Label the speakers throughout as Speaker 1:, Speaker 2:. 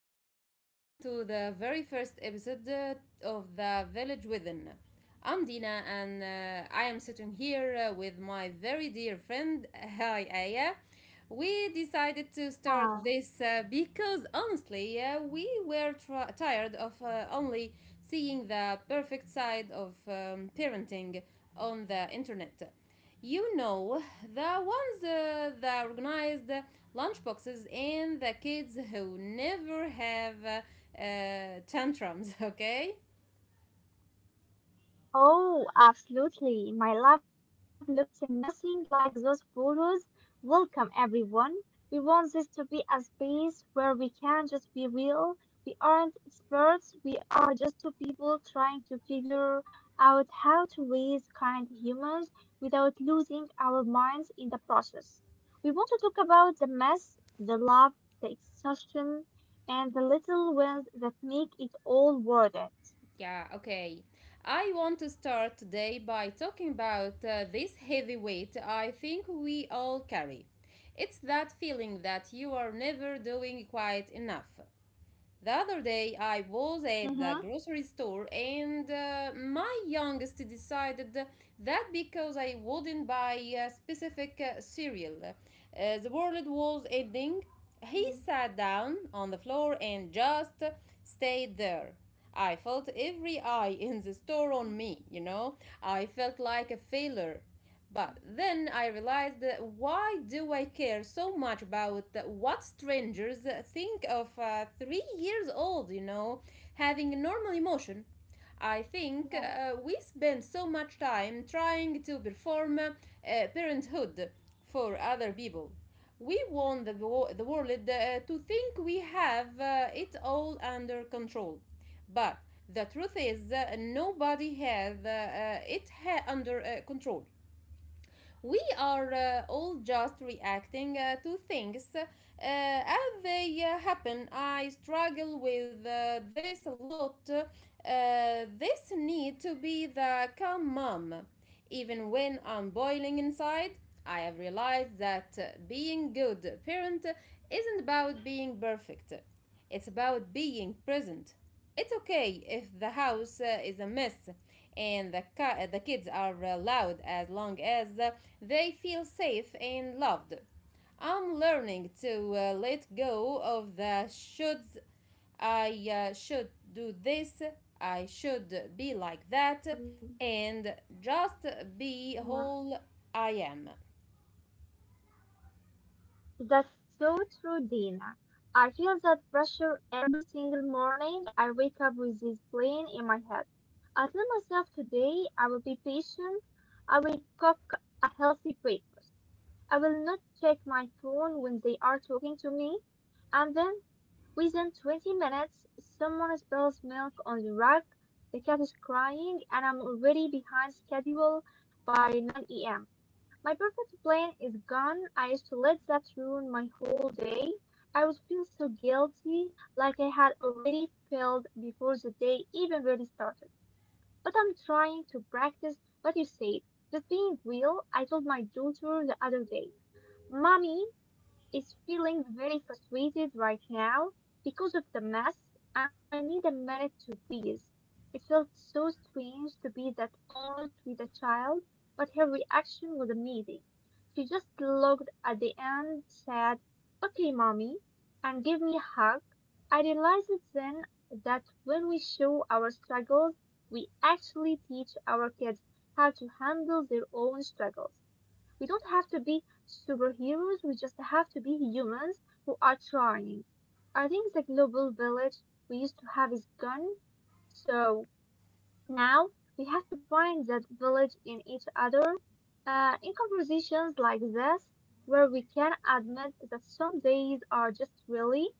Speaker 1: and welcome to the very first episode of The Village Within. I'm Dina, and I am sitting here with my very dear friend. Hi, Aya. We decided to start this
Speaker 2: Ah,
Speaker 1: because honestly, we were tired of only seeing the perfect side of parenting on the internet. You know, the ones that organized lunchboxes and the kids who never have tantrums, okay?
Speaker 2: oh, Absolutely. My love looks nothing like those photos. Welcome, everyone. We want this to be a space where we can just be real. We aren't experts. We are just two people trying to figure out how to raise kind humans without losing our minds in the process. We want to talk about the mess, the love, the exhaustion, and the little wins that make it all worth it.
Speaker 1: Yeah, okay. I want to start today by talking about this heavy weight I think we all carry. It's that feeling that you are never doing quite enough. The other day, I was at the
Speaker 2: Mhm.
Speaker 1: grocery store and my youngest decided that because I wouldn't buy a specific cereal, the world was ending. He sat down on the floor and just stayed there. I felt every eye in the store on me, you know. I felt like a failure. But then I realized that why do I care so much about what strangers think of 3 years old, having a normal emotion? I think
Speaker 2: Yeah,
Speaker 1: we spend so much time trying to perform parenthood for other people. We want the world to think we have it all under control. But the truth is, nobody has it under control. We are all just reacting to things as they happen. I struggle with this a lot. This need to be the calm mom. Even when I'm boiling inside, I have realized that being good parent isn't about being perfect. It's about being present. It's okay if the house is a mess and the kids are loud as long as they feel safe and loved. I'm learning to let go of the shoulds. I should
Speaker 2: yeah.
Speaker 1: do this, I should be like that,
Speaker 2: And,
Speaker 1: and just be
Speaker 2: uh,
Speaker 1: whole I am.
Speaker 2: that's so true, Dina. I feel that pressure every single morning. I wake up with this plan in my head. I tell myself today I will be patient. I will cook a healthy breakfast. I will not check my phone when they are talking to me. And then within 20 minutes, someone spills milk on the rug. The cat is crying, and I'm already behind schedule by 9 a.m. My perfect plan is gone. I used to let that ruin my whole day. I would feel so guilty, like I had already failed before the day even really started. But I'm trying to practice what you said, just being real. I told my daughter the other day, "Mommy is feeling very frustrated right now because of the mess and I need a minute, to please." It felt so strange to be that honest with a child, but her reaction was amazing. She just looked at the end, said, "Okay, mommy," and gave me a hug. I realized then that when we show our struggles, we actually teach our kids how to handle their own struggles. We don't have to be superheroes, we just have to be humans who are trying. I think the global village we used to have is gone, so now we have to find that village in each other. In conversations like this, where we can admit that some days are just really,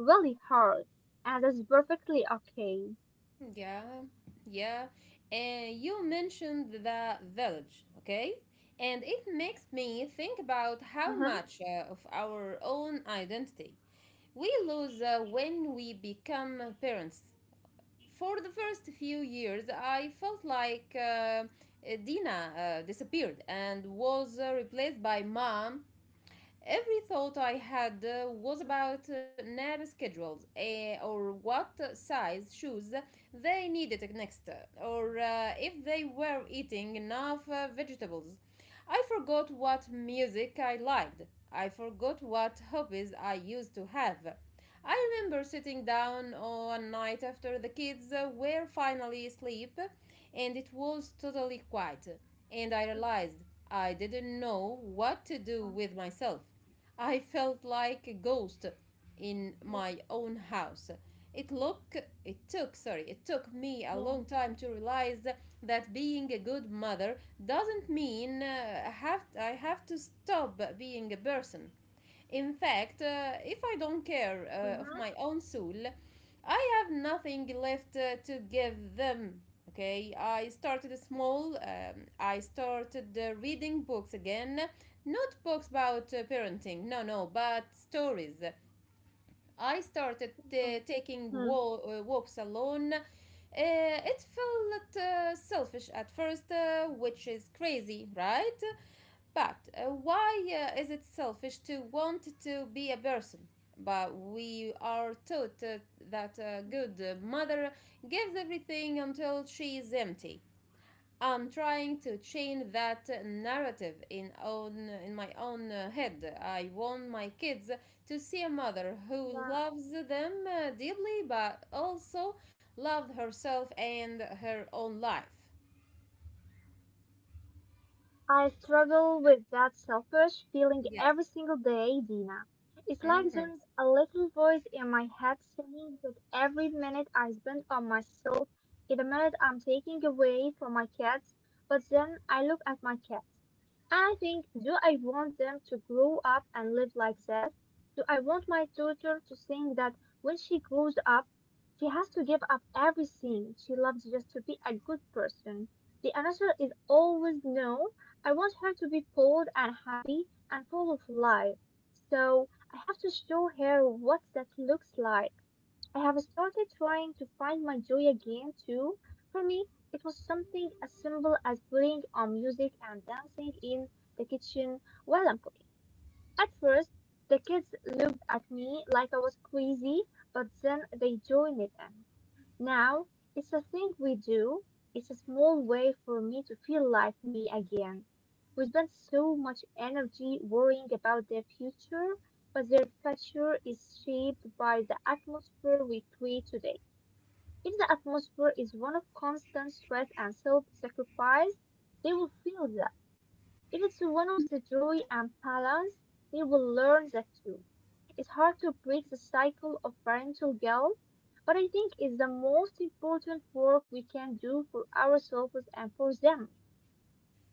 Speaker 2: really hard, and that's perfectly okay.
Speaker 1: Yeah, yeah. And you mentioned the village, okay? And it makes me think about how
Speaker 2: Uh-huh.
Speaker 1: much of our own identity we lose when we become parents. For the first few years, I felt like Dina disappeared and was replaced by mom. Every thought I had was about nap schedules or what size shoes they needed next, or if they were eating enough vegetables. I forgot what music I liked. I forgot what hobbies I used to have. I remember sitting down one night after the kids were finally asleep and it was totally quiet, and I realized I didn't know what to do with myself. I felt like a ghost in my own house. It look it took, sorry, it took me a
Speaker 2: Yeah. Yeah.
Speaker 1: long time to realize that being a good mother doesn't mean have I have to stop being a person. In fact, if I don't care of my
Speaker 2: Mm-hmm.
Speaker 1: own soul, I have nothing left to give them. Okay, I started small. I started reading books again. Not books about parenting, no, no, but stories. I started taking walks alone. It felt selfish at first, which is crazy, right? But why is it selfish to want to be a person? But we are taught that a good mother gives everything until she is empty. I'm trying to change that narrative in own in my own head. I want my kids to see a mother who
Speaker 2: Yeah.
Speaker 1: loves them deeply, but also loves herself and her own life.
Speaker 2: I struggle with that selfish feeling
Speaker 1: Yes.
Speaker 2: every single day, Dina. It's
Speaker 1: Mhm.
Speaker 2: like there's a little voice in my head saying that every minute I spend on myself is a minute I'm taking away from my kids. But then I look at my kids and I think, do I want them to grow up and live like this? Do I want my daughter to think that when she grows up, she has to give up everything she loves just to be a good person? The answer is always no. I want her to be bold and happy and full of life. So I have to show her what that looks like. I have started trying to find my joy again too. For me, it was something as simple as putting on music and dancing in the kitchen while I'm cooking. At first, the kids looked at me like I was crazy, but then they joined it in. Now, it's a thing we do. It's a small way for me to feel like me again. We spend so much energy worrying about their future, but their future is shaped by the atmosphere we create today. If the atmosphere is one of constant stress and self sacrifice, they will feel that. It is one of the joy and balance. They will learn that too. It's hard to break the cycle of parental guilt, but I think it's the most important work we can do for ourselves and for them.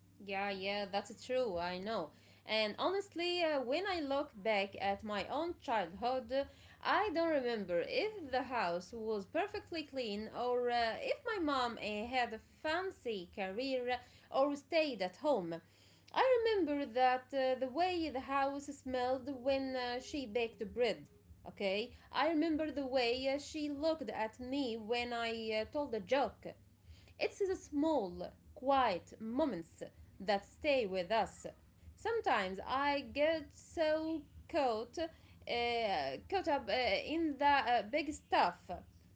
Speaker 1: Yeah, yeah, that's true. I know. And honestly, when I look back at my own childhood, I don't remember if the house was perfectly clean or if my mom had a fancy career or stayed at home. I remember that the way the house smelled when she baked bread. Okay, I remember the way she looked at me when I told a joke. It's the small, quiet moments that stay with us. Sometimes I get so caught up in the big stuff,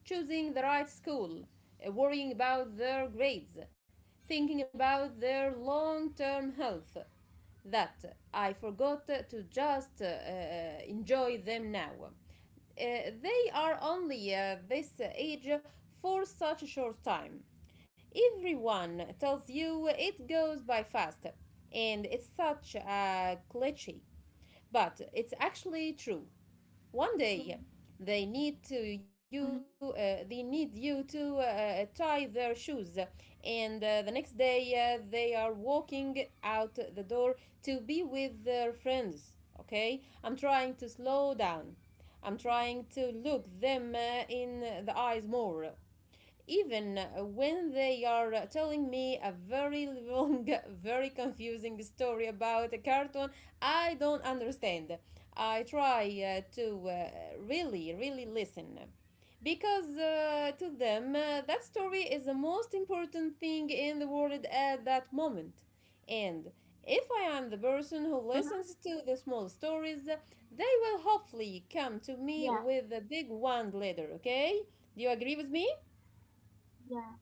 Speaker 1: choosing the right school, worrying about their grades, thinking about their long term health, that I forgot to just enjoy them now. Uh, they are only this age for such a short time. Everyone tells you it goes by fast, and it's such a cliche, but it's actually true. One day, they need to you.
Speaker 2: Mm-hmm.
Speaker 1: They need you to tie their shoes, and the next day they are walking out the door to be with their friends. Okay, I'm trying to slow down. I'm trying to look them in the eyes more even when they are telling me a very long, very confusing story about a cartoon I don't understand. I try to really, really listen. Because to them, that story is the most important thing in the world at that moment. And if I am the person who listens
Speaker 2: Hmm.
Speaker 1: to the small stories, they will hopefully come to me with
Speaker 2: Yeah,
Speaker 1: the big one later, okay? Do you agree with me?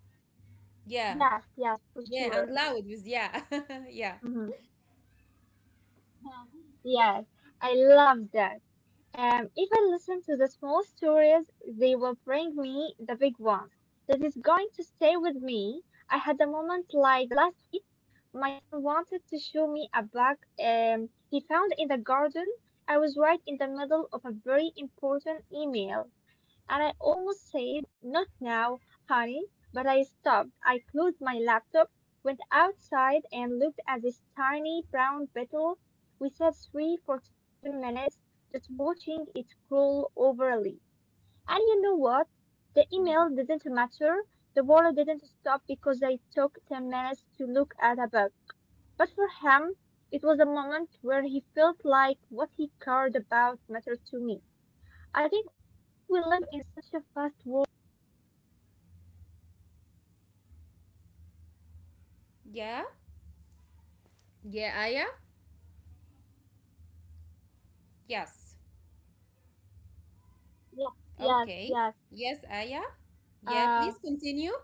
Speaker 2: yeah.
Speaker 1: Yeah.
Speaker 2: Yes, yes, for
Speaker 1: Yeah,
Speaker 2: sure.
Speaker 1: and loud with yeah. yeah.
Speaker 2: Mhm. Yes, I love that. If I listen to the small stories, they will bring me the big ones. That is going to stay with me. I had a moment like that last week. My son wanted to show me a bug he found in the garden. I was right in the middle of a very important email, and I almost said, "Not now, honey," but I stopped. I closed my laptop, went outside and looked at this tiny brown beetle. We sat free for 10 minutes just watching it crawl over a leaf. And you know what? The email didn't
Speaker 1: Mhm.
Speaker 2: matter. The world didn't stop because they took 10 minutes to look at a bug. But for him, it was a moment where he felt like what he cared about mattered to me. I think we live in such a fast world.
Speaker 1: Yeah. Yeah, Aya. Yes.
Speaker 2: Yeah, yes,
Speaker 1: Okay.
Speaker 2: yes.
Speaker 1: Yes, Aya. Yeah,
Speaker 2: Uh.
Speaker 1: please continue.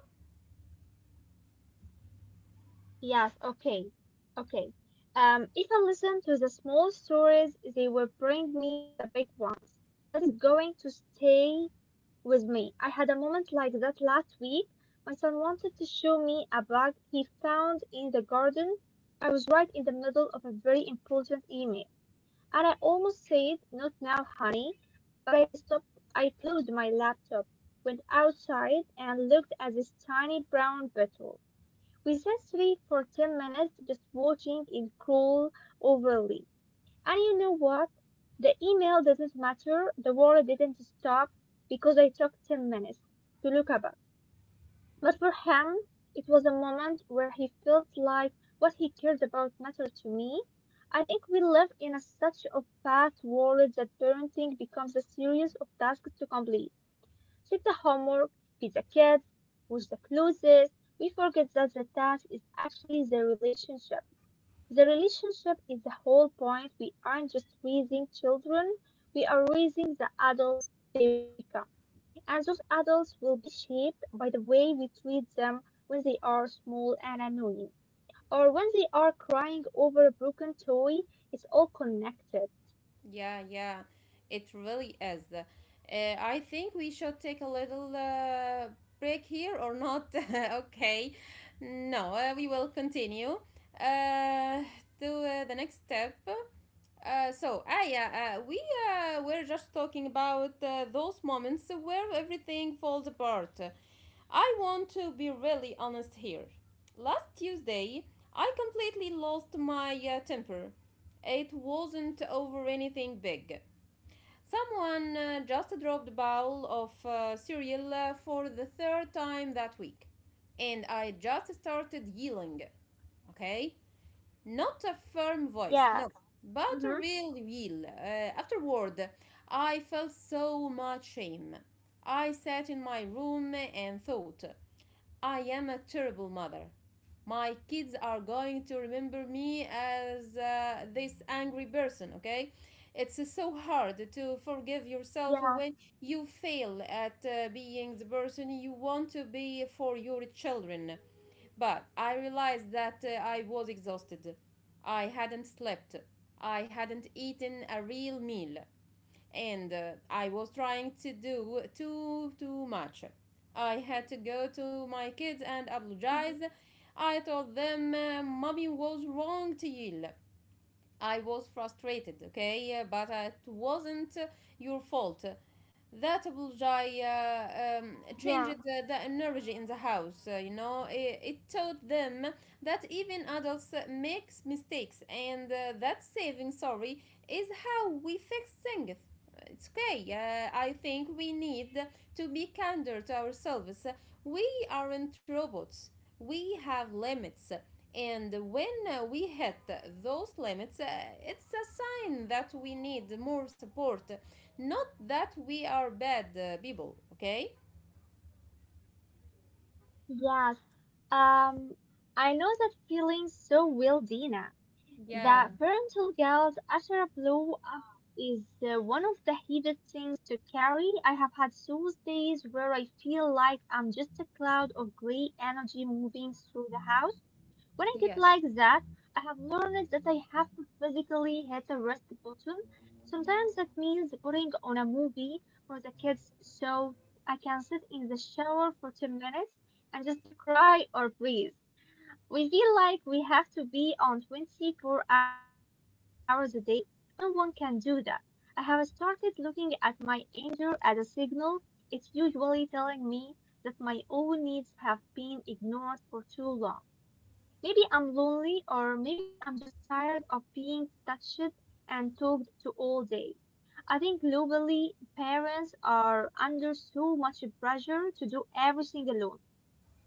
Speaker 2: Yes, okay, okay. If I listen to the small stories, they will bring me the big ones. That is going to stay with me. I had a moment like that last week. My son wanted to show me a bug he found in the garden. I was right in the middle of a very important email, and I almost said, "Not now, honey." But I stopped. I closed my laptop, went outside, and looked at this tiny brown beetle. We sat still for 10 minutes just watching it crawl overly. And you know what? The email does not matter, the world didn't stop because I took 10 minutes to look up. But for him, it was a moment where he felt like what he cared about mattered to me. I think we live in a such a fast world that parenting becomes a series of tasks to complete. Check the homework, feed the kids, wash the clothes. We forget that the task is actually the relationship. The relationship is the whole point. We aren't just raising children, we are raising the adults they will become. And those adults will be shaped by the way we treat them when they are small and annoying, or when they are crying over a broken toy. It's all connected.
Speaker 1: Yeah, yeah. It really is. I think we should take a little break here or not. okay. No, we will continue. Uh, to the next step. So Aya, we were just talking about those moments where everything falls apart. I want to be really honest here. Last Tuesday, I completely lost my temper. It wasn't over anything big. Someone just dropped a bowl of cereal for the third time that week, and I just started yelling. Okay, not a firm
Speaker 2: Yeah.
Speaker 1: voice, no,
Speaker 2: Mm-hmm.
Speaker 1: but a real yell. Afterward, I felt so much shame. I sat in my room and thought. I am a terrible mother. My kids are going to remember me as this angry person, okay? It's so hard to forgive yourself
Speaker 2: Yeah.
Speaker 1: when you fail at being the person you want to be for your children. But I realized that I was exhausted. I hadn't slept. I hadn't eaten a real meal and I was trying to do too much. I had to go to my kids and
Speaker 2: Hmm.
Speaker 1: apologize. I told them mommy was wrong to yell. I was frustrated, okay, but it wasn't your fault. That apology
Speaker 2: Yeah.
Speaker 1: changed the energy in the house. You know, it taught them that even adults make mistakes, and that saving sorry is how we fix things. It's okay. I think we need to be kinder to ourselves. We aren't robots. We have limits. And when we hit those limits, it's a sign that we need more support, not that we are bad people, okay?
Speaker 2: Yeah. Um, I know that feeling so well, Dina. The
Speaker 1: Yeah.
Speaker 2: parental guilt after a blow up is one of the hardest things to carry. I have had those days where I feel like I'm just a cloud of gray energy moving through the house. When I get like
Speaker 1: Yes.
Speaker 2: that, I have learned that I have to physically hit the rest button. Sometimes that means putting on a movie for the kids so I can sit in the shower for 10 minutes and just to cry or breathe. We feel like we have to be on 24 hours a day, but no one can do that. I have started looking at my anger as a signal. It's usually telling me that my own needs have been ignored for too long. Maybe I'm lonely, or maybe I'm just tired of being touched and talked to all day. I think globally, parents are under so much pressure to do everything alone.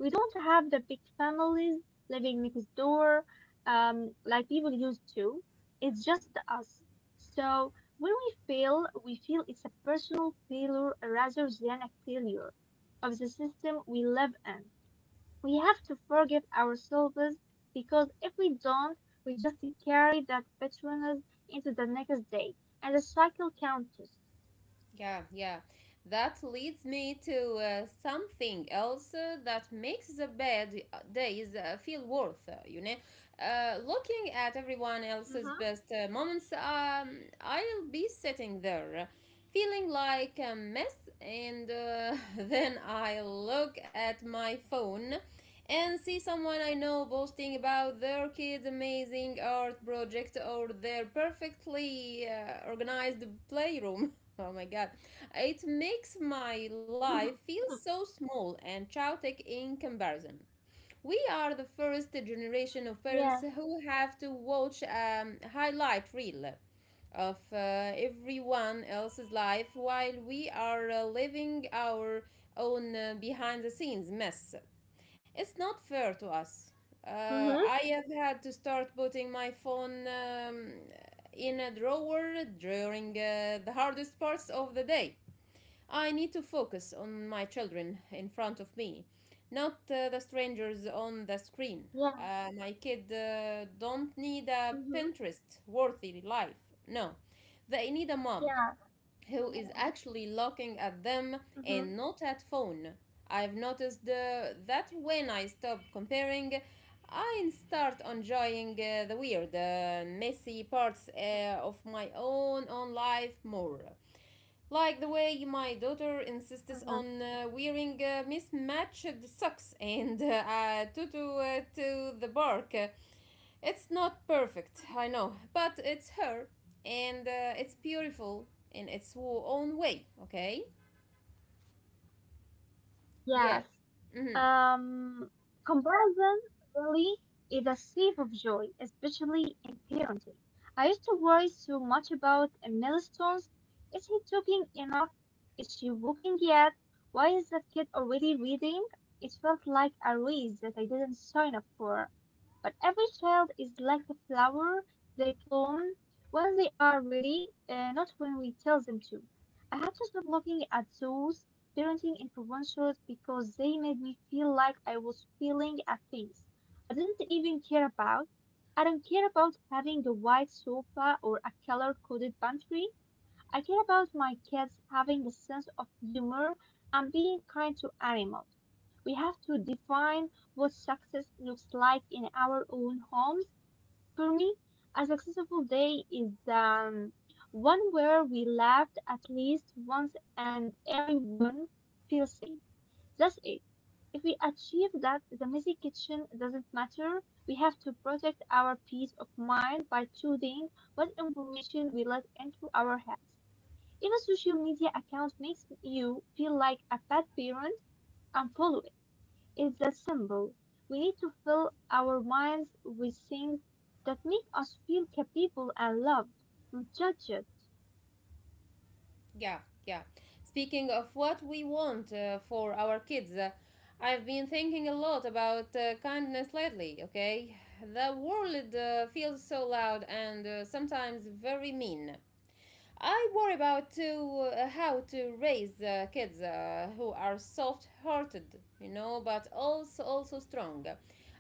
Speaker 2: We don't have the big families living next door like people used to. It's just us. So when we fail, we feel it's a personal failure rather than a failure of the system we live in. We have to forgive ourselves because if we don't, we just carry that bitterness into the next day, and the cycle continues.
Speaker 1: Yeah, yeah. That leads me to something else that makes the bad days feel worth, looking at everyone else's
Speaker 2: Mm-hmm.
Speaker 1: best moments. I'll be sitting there feeling like a mess, and then I look at my phone and see someone I know boasting about their kids' amazing art project or their perfectly organized playroom. Oh my god. It makes my life feel so small and chaotic in comparison. We are the first generation of
Speaker 2: Yeah.
Speaker 1: parents who have to watch highlight reel of everyone else's life while we are living our own behind the scenes mess. It's not fair to us.
Speaker 2: Mm-hmm.
Speaker 1: I have had to start putting my phone in a drawer during the hardest parts of the day. I need to focus on my children in front of me, not the strangers on the screen.
Speaker 2: Yeah.
Speaker 1: My kid don't need a
Speaker 2: Mm-hmm.
Speaker 1: Pinterest worthy life. No, they need a mom
Speaker 2: Yeah.
Speaker 1: who
Speaker 2: Yeah.
Speaker 1: is actually looking at them
Speaker 2: Mm-hmm.
Speaker 1: and not at phone. I've noticed that when I stop comparing, I start enjoying the weird, messy parts of my own life more. Like the way my daughter insists
Speaker 2: Mm-hmm.
Speaker 1: on wearing mismatched socks and a tutu to the park. It's not perfect, I know, but it's her, and it's beautiful in its own way, okay? Yes.
Speaker 2: Yes.
Speaker 1: Yeah. Mhm.
Speaker 2: Um, comparison really is a thief of joy, especially in parenting. I used to worry so much about milestones. Is he talking enough? Is she walking yet? Why is that kid already reading? It felt like a race that I didn't sign up for. But every child is like a flower. They bloom when they are ready, not when we tell them to. I had to stop looking at those parenting influencers because they made me feel like I was feeling at things I didn't even care about. I don't care about having a white sofa or a color coded pantry. I care about my kids having a sense of humor and being kind to animals. We have to define what success looks like in our own homes. For me, a successful day is one where we laughed at least once and everyone feels safe. That's it. If we achieve that, the messy kitchen doesn't matter. We have to protect our peace of mind by choosing what information we let into our heads. If a social media account makes you feel like a bad parent, unfollow is that simple. We need to fill our minds with things that make us feel capable and loved, not judged.
Speaker 1: Yeah, yeah. Speaking of what we want for our kids, I've been thinking a lot about kindness lately, okay? The world feels so loud and sometimes very mean. I worry about to, how to raise kids who are soft-hearted, you know, but also strong.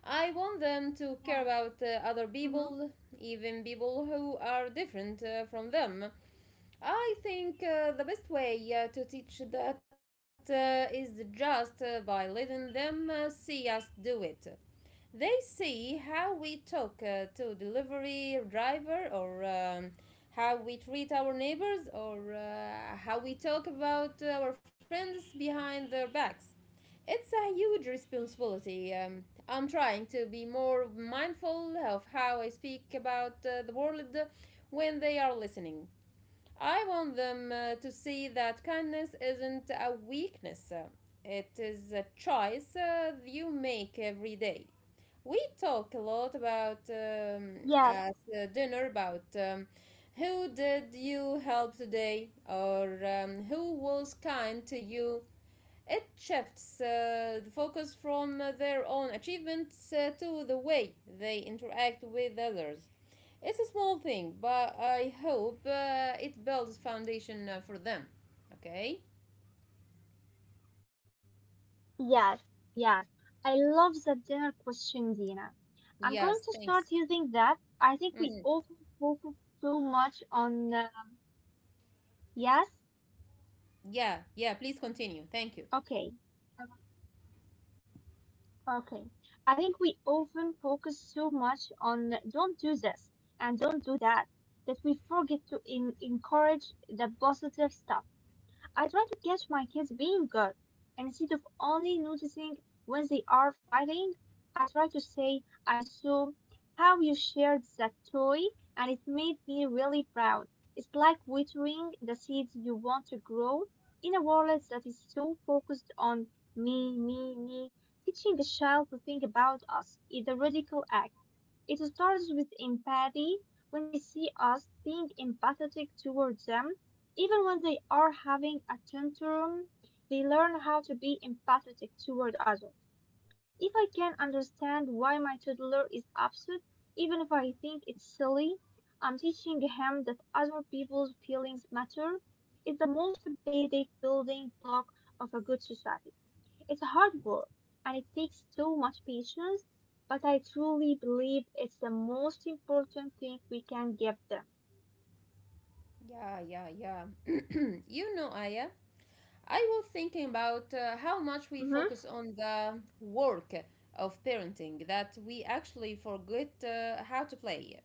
Speaker 1: I want them to
Speaker 2: Yeah.
Speaker 1: care about other
Speaker 2: Mm-hmm.
Speaker 1: people, even people who are different from them. I think the best way to teach that is just by letting them see us do it. They see how we talk to delivery driver or. How we treat our neighbors or how we talk about our friends behind their backs. It's a huge responsibility. I'm trying to be more mindful of how I speak about the world when they are listening. I want them to see that kindness isn't a weakness, it is a choice you make every day. We talk a lot about
Speaker 2: Yes,
Speaker 1: at dinner about who did you help today or who was kind to you. It shifts the focus from their own achievements to the way they interact with others. It's a small thing, but I hope it builds foundation for them. Okay?
Speaker 2: yes, yes. I love that dinner question, Dina. I'm
Speaker 1: Yes,
Speaker 2: going to
Speaker 1: thanks.
Speaker 2: start using that. I think we
Speaker 1: Mhm.
Speaker 2: often focus too much on yes.
Speaker 1: Yeah, yeah, please continue. Thank you.
Speaker 2: Okay. Okay. I think we often focus so much on don't do this and don't do that that we forget to encourage the positive stuff. I try to catch my kids being good. And instead of only noticing when they are fighting, I try to say, "I saw how you shared that toy and it made me really proud." It's like watering the seeds you want to grow in a world that is so focused on me, me, me. Teaching a child to think about us is a radical act. It starts with empathy when they see us being empathetic towards them. Even when they are having a tantrum, they learn how to be empathetic toward others. If I can understand why my toddler is upset, even if I think it's silly, I'm teaching him that other people's feelings matter. It's the most basic building block of a good society. It's hard work and it takes so much patience, but I truly believe it's the most important thing we can give them.
Speaker 1: Yeah, yeah, yeah. You know, Aya, I was thinking about how much we
Speaker 2: Mm-hmm.
Speaker 1: focus on the work of parenting that we actually forget how to play.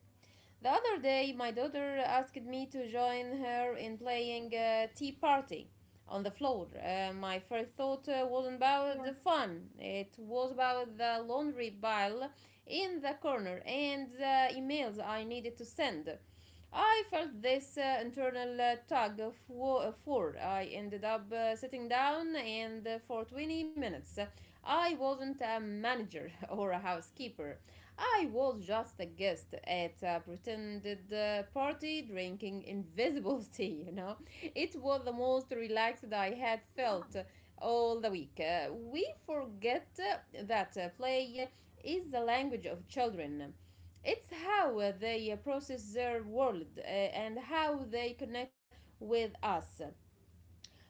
Speaker 1: The other day, my daughter asked me to join her in playing a tea party on the floor. My first thought wasn't
Speaker 2: Yeah.
Speaker 1: about the fun, it was about the laundry pile in the corner and the emails I needed to send. I felt this internal tug of war. I ended up sitting down, and for 20 minutes, I wasn't a manager or a housekeeper. I was just a guest at a pretended party drinking invisible tea. It was the most relaxed I had felt all the week. We forget that play is the language of children. It's how they process their world and how they connect with us.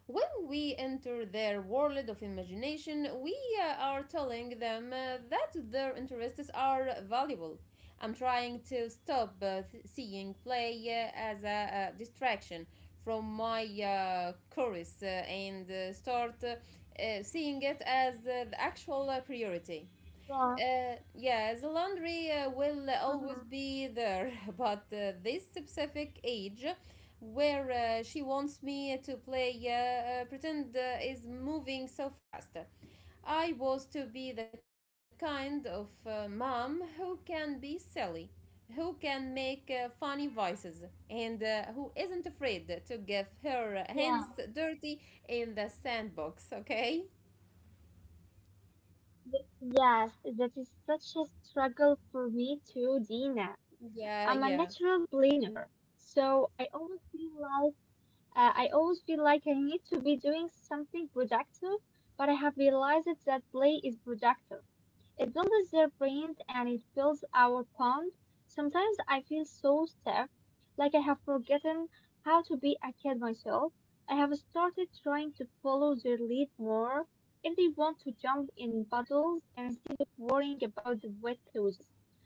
Speaker 1: When we enter their world of imagination, we are telling them that their interests are valuable. I'm trying to stop seeing play as a distraction from my course and start seeing it as the actual priority.
Speaker 2: Yeah.
Speaker 1: Yeah, the laundry will
Speaker 2: Uh-huh.
Speaker 1: always be there, but this specific age where she wants me to play pretend is moving so fast. I was to be the kind of mom who can be silly, who can make funny voices, and who isn't afraid to give her
Speaker 2: Yeah.
Speaker 1: hands dirty in the sandbox, okay?
Speaker 2: Yes, that is such a struggle for me too, Dina.
Speaker 1: Yeah,
Speaker 2: I'm a
Speaker 1: yeah,
Speaker 2: natural planner, so I always feel like I need to be doing something productive, but I have realized that play is productive. It builds their brains and it fills our pond. Sometimes I feel so stiff, like I have forgotten how to be a kid myself. I have started trying to follow their lead more. If they want to jump in puddles instead of worrying about the wet clothes,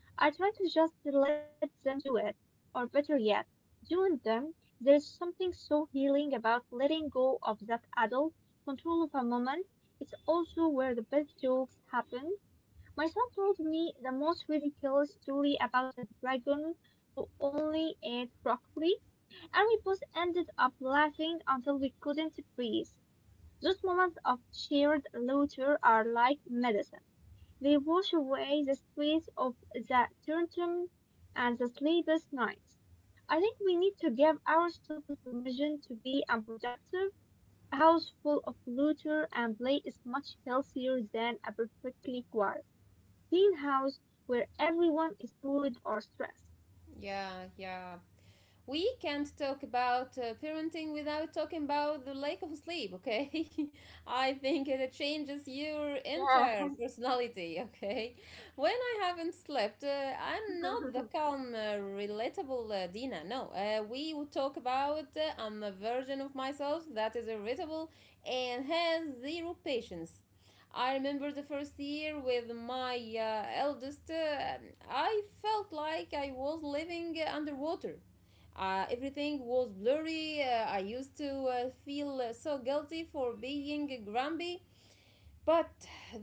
Speaker 2: I try to just let them do it. Or better yet, doing them. There is something so healing about letting go of that adult control of a moment. It's also where the best jokes happen. My son told me the most ridiculous story about a dragon who only ate broccoli, and we both ended up laughing until we couldn't breathe. Those moments of shared laughter are like medicine. They wash away the stress of the tantrum and the sleepless nights. I think we need to give ourselves permission to be unproductive. A house full of laughter and play is much healthier than a perfectly quiet clean house where everyone is bored or stressed.
Speaker 1: yeah, yeah. We can't talk about parenting without talking about the lack of sleep, okay? I think it changes your entire personality, okay? When I haven't slept, I'm not the calm, relatable Dina. No, we would talk about I'm a version of myself that is irritable and has zero patience. I remember the first year with my eldest, I felt like I was living underwater. Everything was blurry. I used to feel so guilty for being grumpy. But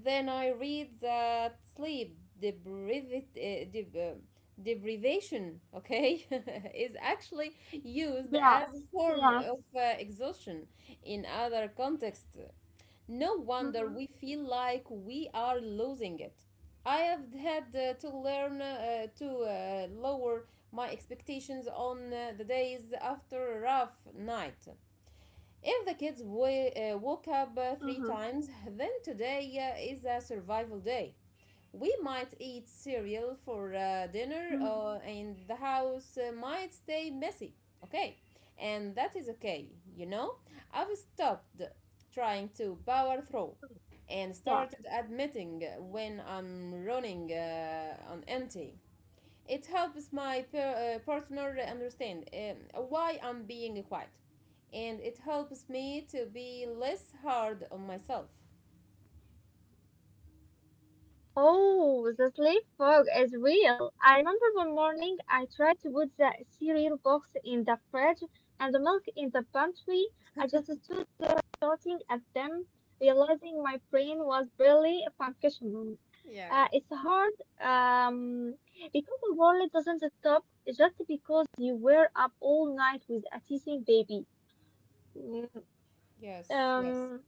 Speaker 1: then I read that sleep deprivation, okay, is actually used
Speaker 2: Yeah,
Speaker 1: as a form
Speaker 2: yeah,
Speaker 1: of exhaustion in other contexts. No wonder
Speaker 2: hmm
Speaker 1: we feel like we are losing it. I have had to learn to lower my expectations on the days after a rough night. If the woke up three
Speaker 2: hmm
Speaker 1: times, then today is a survival day. We might eat cereal for
Speaker 2: hmm
Speaker 1: dinner, and the house might stay messy. Okay, and that is okay, you know? I've stopped trying to power through and
Speaker 2: yeah.
Speaker 1: started admitting when I'm running on empty. It helps my partner understand why I'm being quiet, and it helps me to be less hard on myself.
Speaker 2: Oh, the sleep fog is real. I remember one morning I tried to put the cereal box in the fridge and the milk in the pantry. I just stood shouting at them, realizing my brain was barely functioning.
Speaker 1: Yeah.
Speaker 2: It's hard um, because the world doesn't stop just because you were up all night with a teething baby. Mm.
Speaker 1: Yes. Yes.
Speaker 2: Um,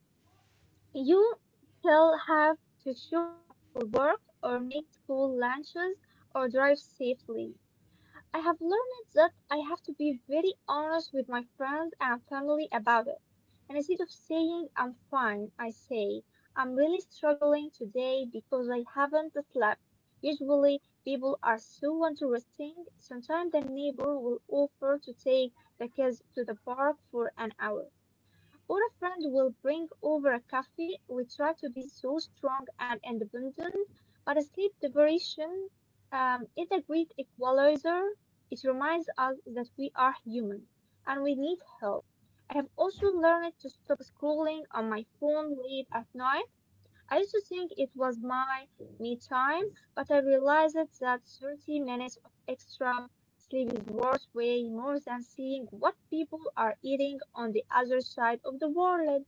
Speaker 2: you still have to show up for work or make school lunches or drive safely. I have learned that I have to be very honest with my friends and family about it. And instead of saying I'm fine, I say I'm really struggling today because I haven't slept. Usually people are so interesting. Sometimes the neighbor will offer to take the kids to the park for an hour or a friend will bring over a coffee. We try to be so strong and independent, but sleep deprivation is a great equalizer. It reminds us that we are human and we need help. I have also learned to stop scrolling on my phone late at night. I used to think it was my me time, but I realized that 30 minutes of extra sleep is worth way more than seeing what people are eating on the other side of the world.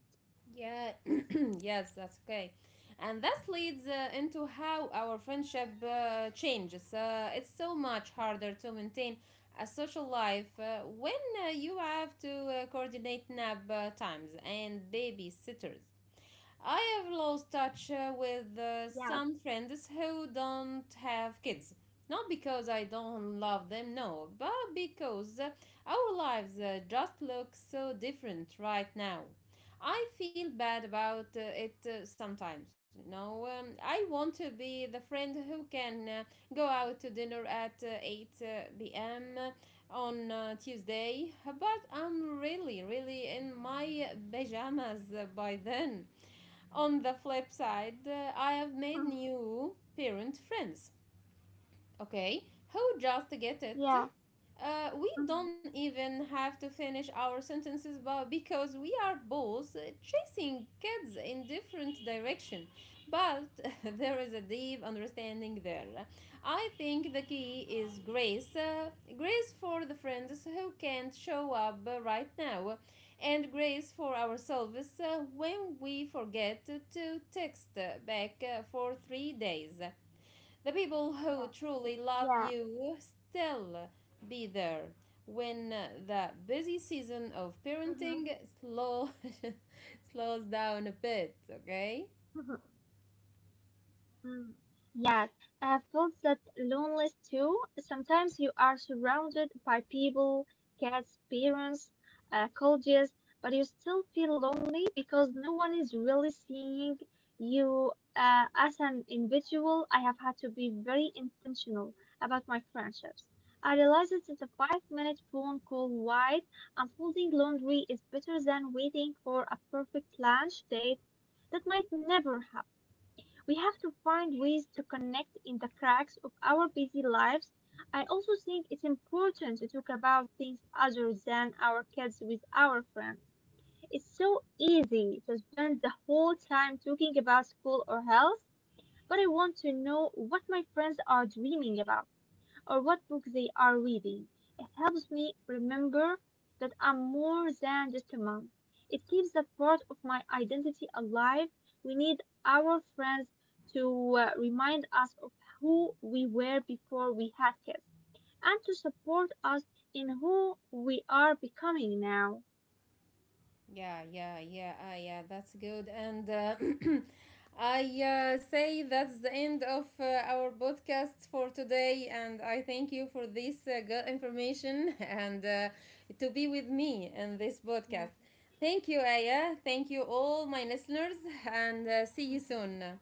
Speaker 1: Yeah, yes, that's okay. And that leads into how our friendship changes. It's so much harder to maintain a social life when you have to coordinate nap times and babysitters. I have lost touch with
Speaker 2: Yeah.
Speaker 1: some friends who don't have kids. Not because I don't love them, no, but because our lives just look so different right now. I feel bad about it sometimes, you know. I want to be the friend who can go out to dinner at 8 p.m. on Tuesday, but I'm really, really in my pajamas by then. On the flip side, I have
Speaker 2: Mm.
Speaker 1: made new parent friends, okay, who just get it.
Speaker 2: Yeah.
Speaker 1: We
Speaker 2: Mm.
Speaker 1: don't even have to finish our sentences but because we are both chasing kids in different direction, but there is a deep understanding there. I think the key is grace, grace for the friends who can't show up right now, and grace for ourselves when we forget to text back for 3 days. The people who
Speaker 2: Yeah.
Speaker 1: truly love
Speaker 2: Yeah.
Speaker 1: you will still be there when the busy season of
Speaker 2: Mm-hmm.
Speaker 1: parenting slow slows down a bit, okay?
Speaker 2: Mm-hmm. Mm. Yes, I have felt that loneliness too. Sometimes you are surrounded by people, cats, parents, colleagues, but you still feel lonely because no one is really seeing you as an individual. I have had to be very intentional about my friendships. I realized that a five-minute phone call wide, unfolding laundry is better than waiting for a perfect lunch date that might never happen. We have to find ways to connect in the cracks of our busy lives. I also think it's important to talk about things other than our kids with our friends. It's so easy to spend the whole time talking about school or health, but I want to know what my friends are dreaming about or what book they are reading. It helps me remember that I'm more than just a mom. It keeps that part of my identity alive. We need our friends to remind us of who we were before we had kids and to support us in who we are becoming now.
Speaker 1: Yeah, yeah, yeah, ah, yeah, that's good. And I say that's the end of our podcast for today. And I thank you for this good information and to be with me in this
Speaker 2: Yeah,
Speaker 1: podcast. Thank you, Aya. Thank you, all my listeners, and see you
Speaker 2: absolutely.
Speaker 1: soon.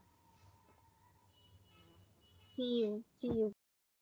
Speaker 2: See you. See you. Goodbye.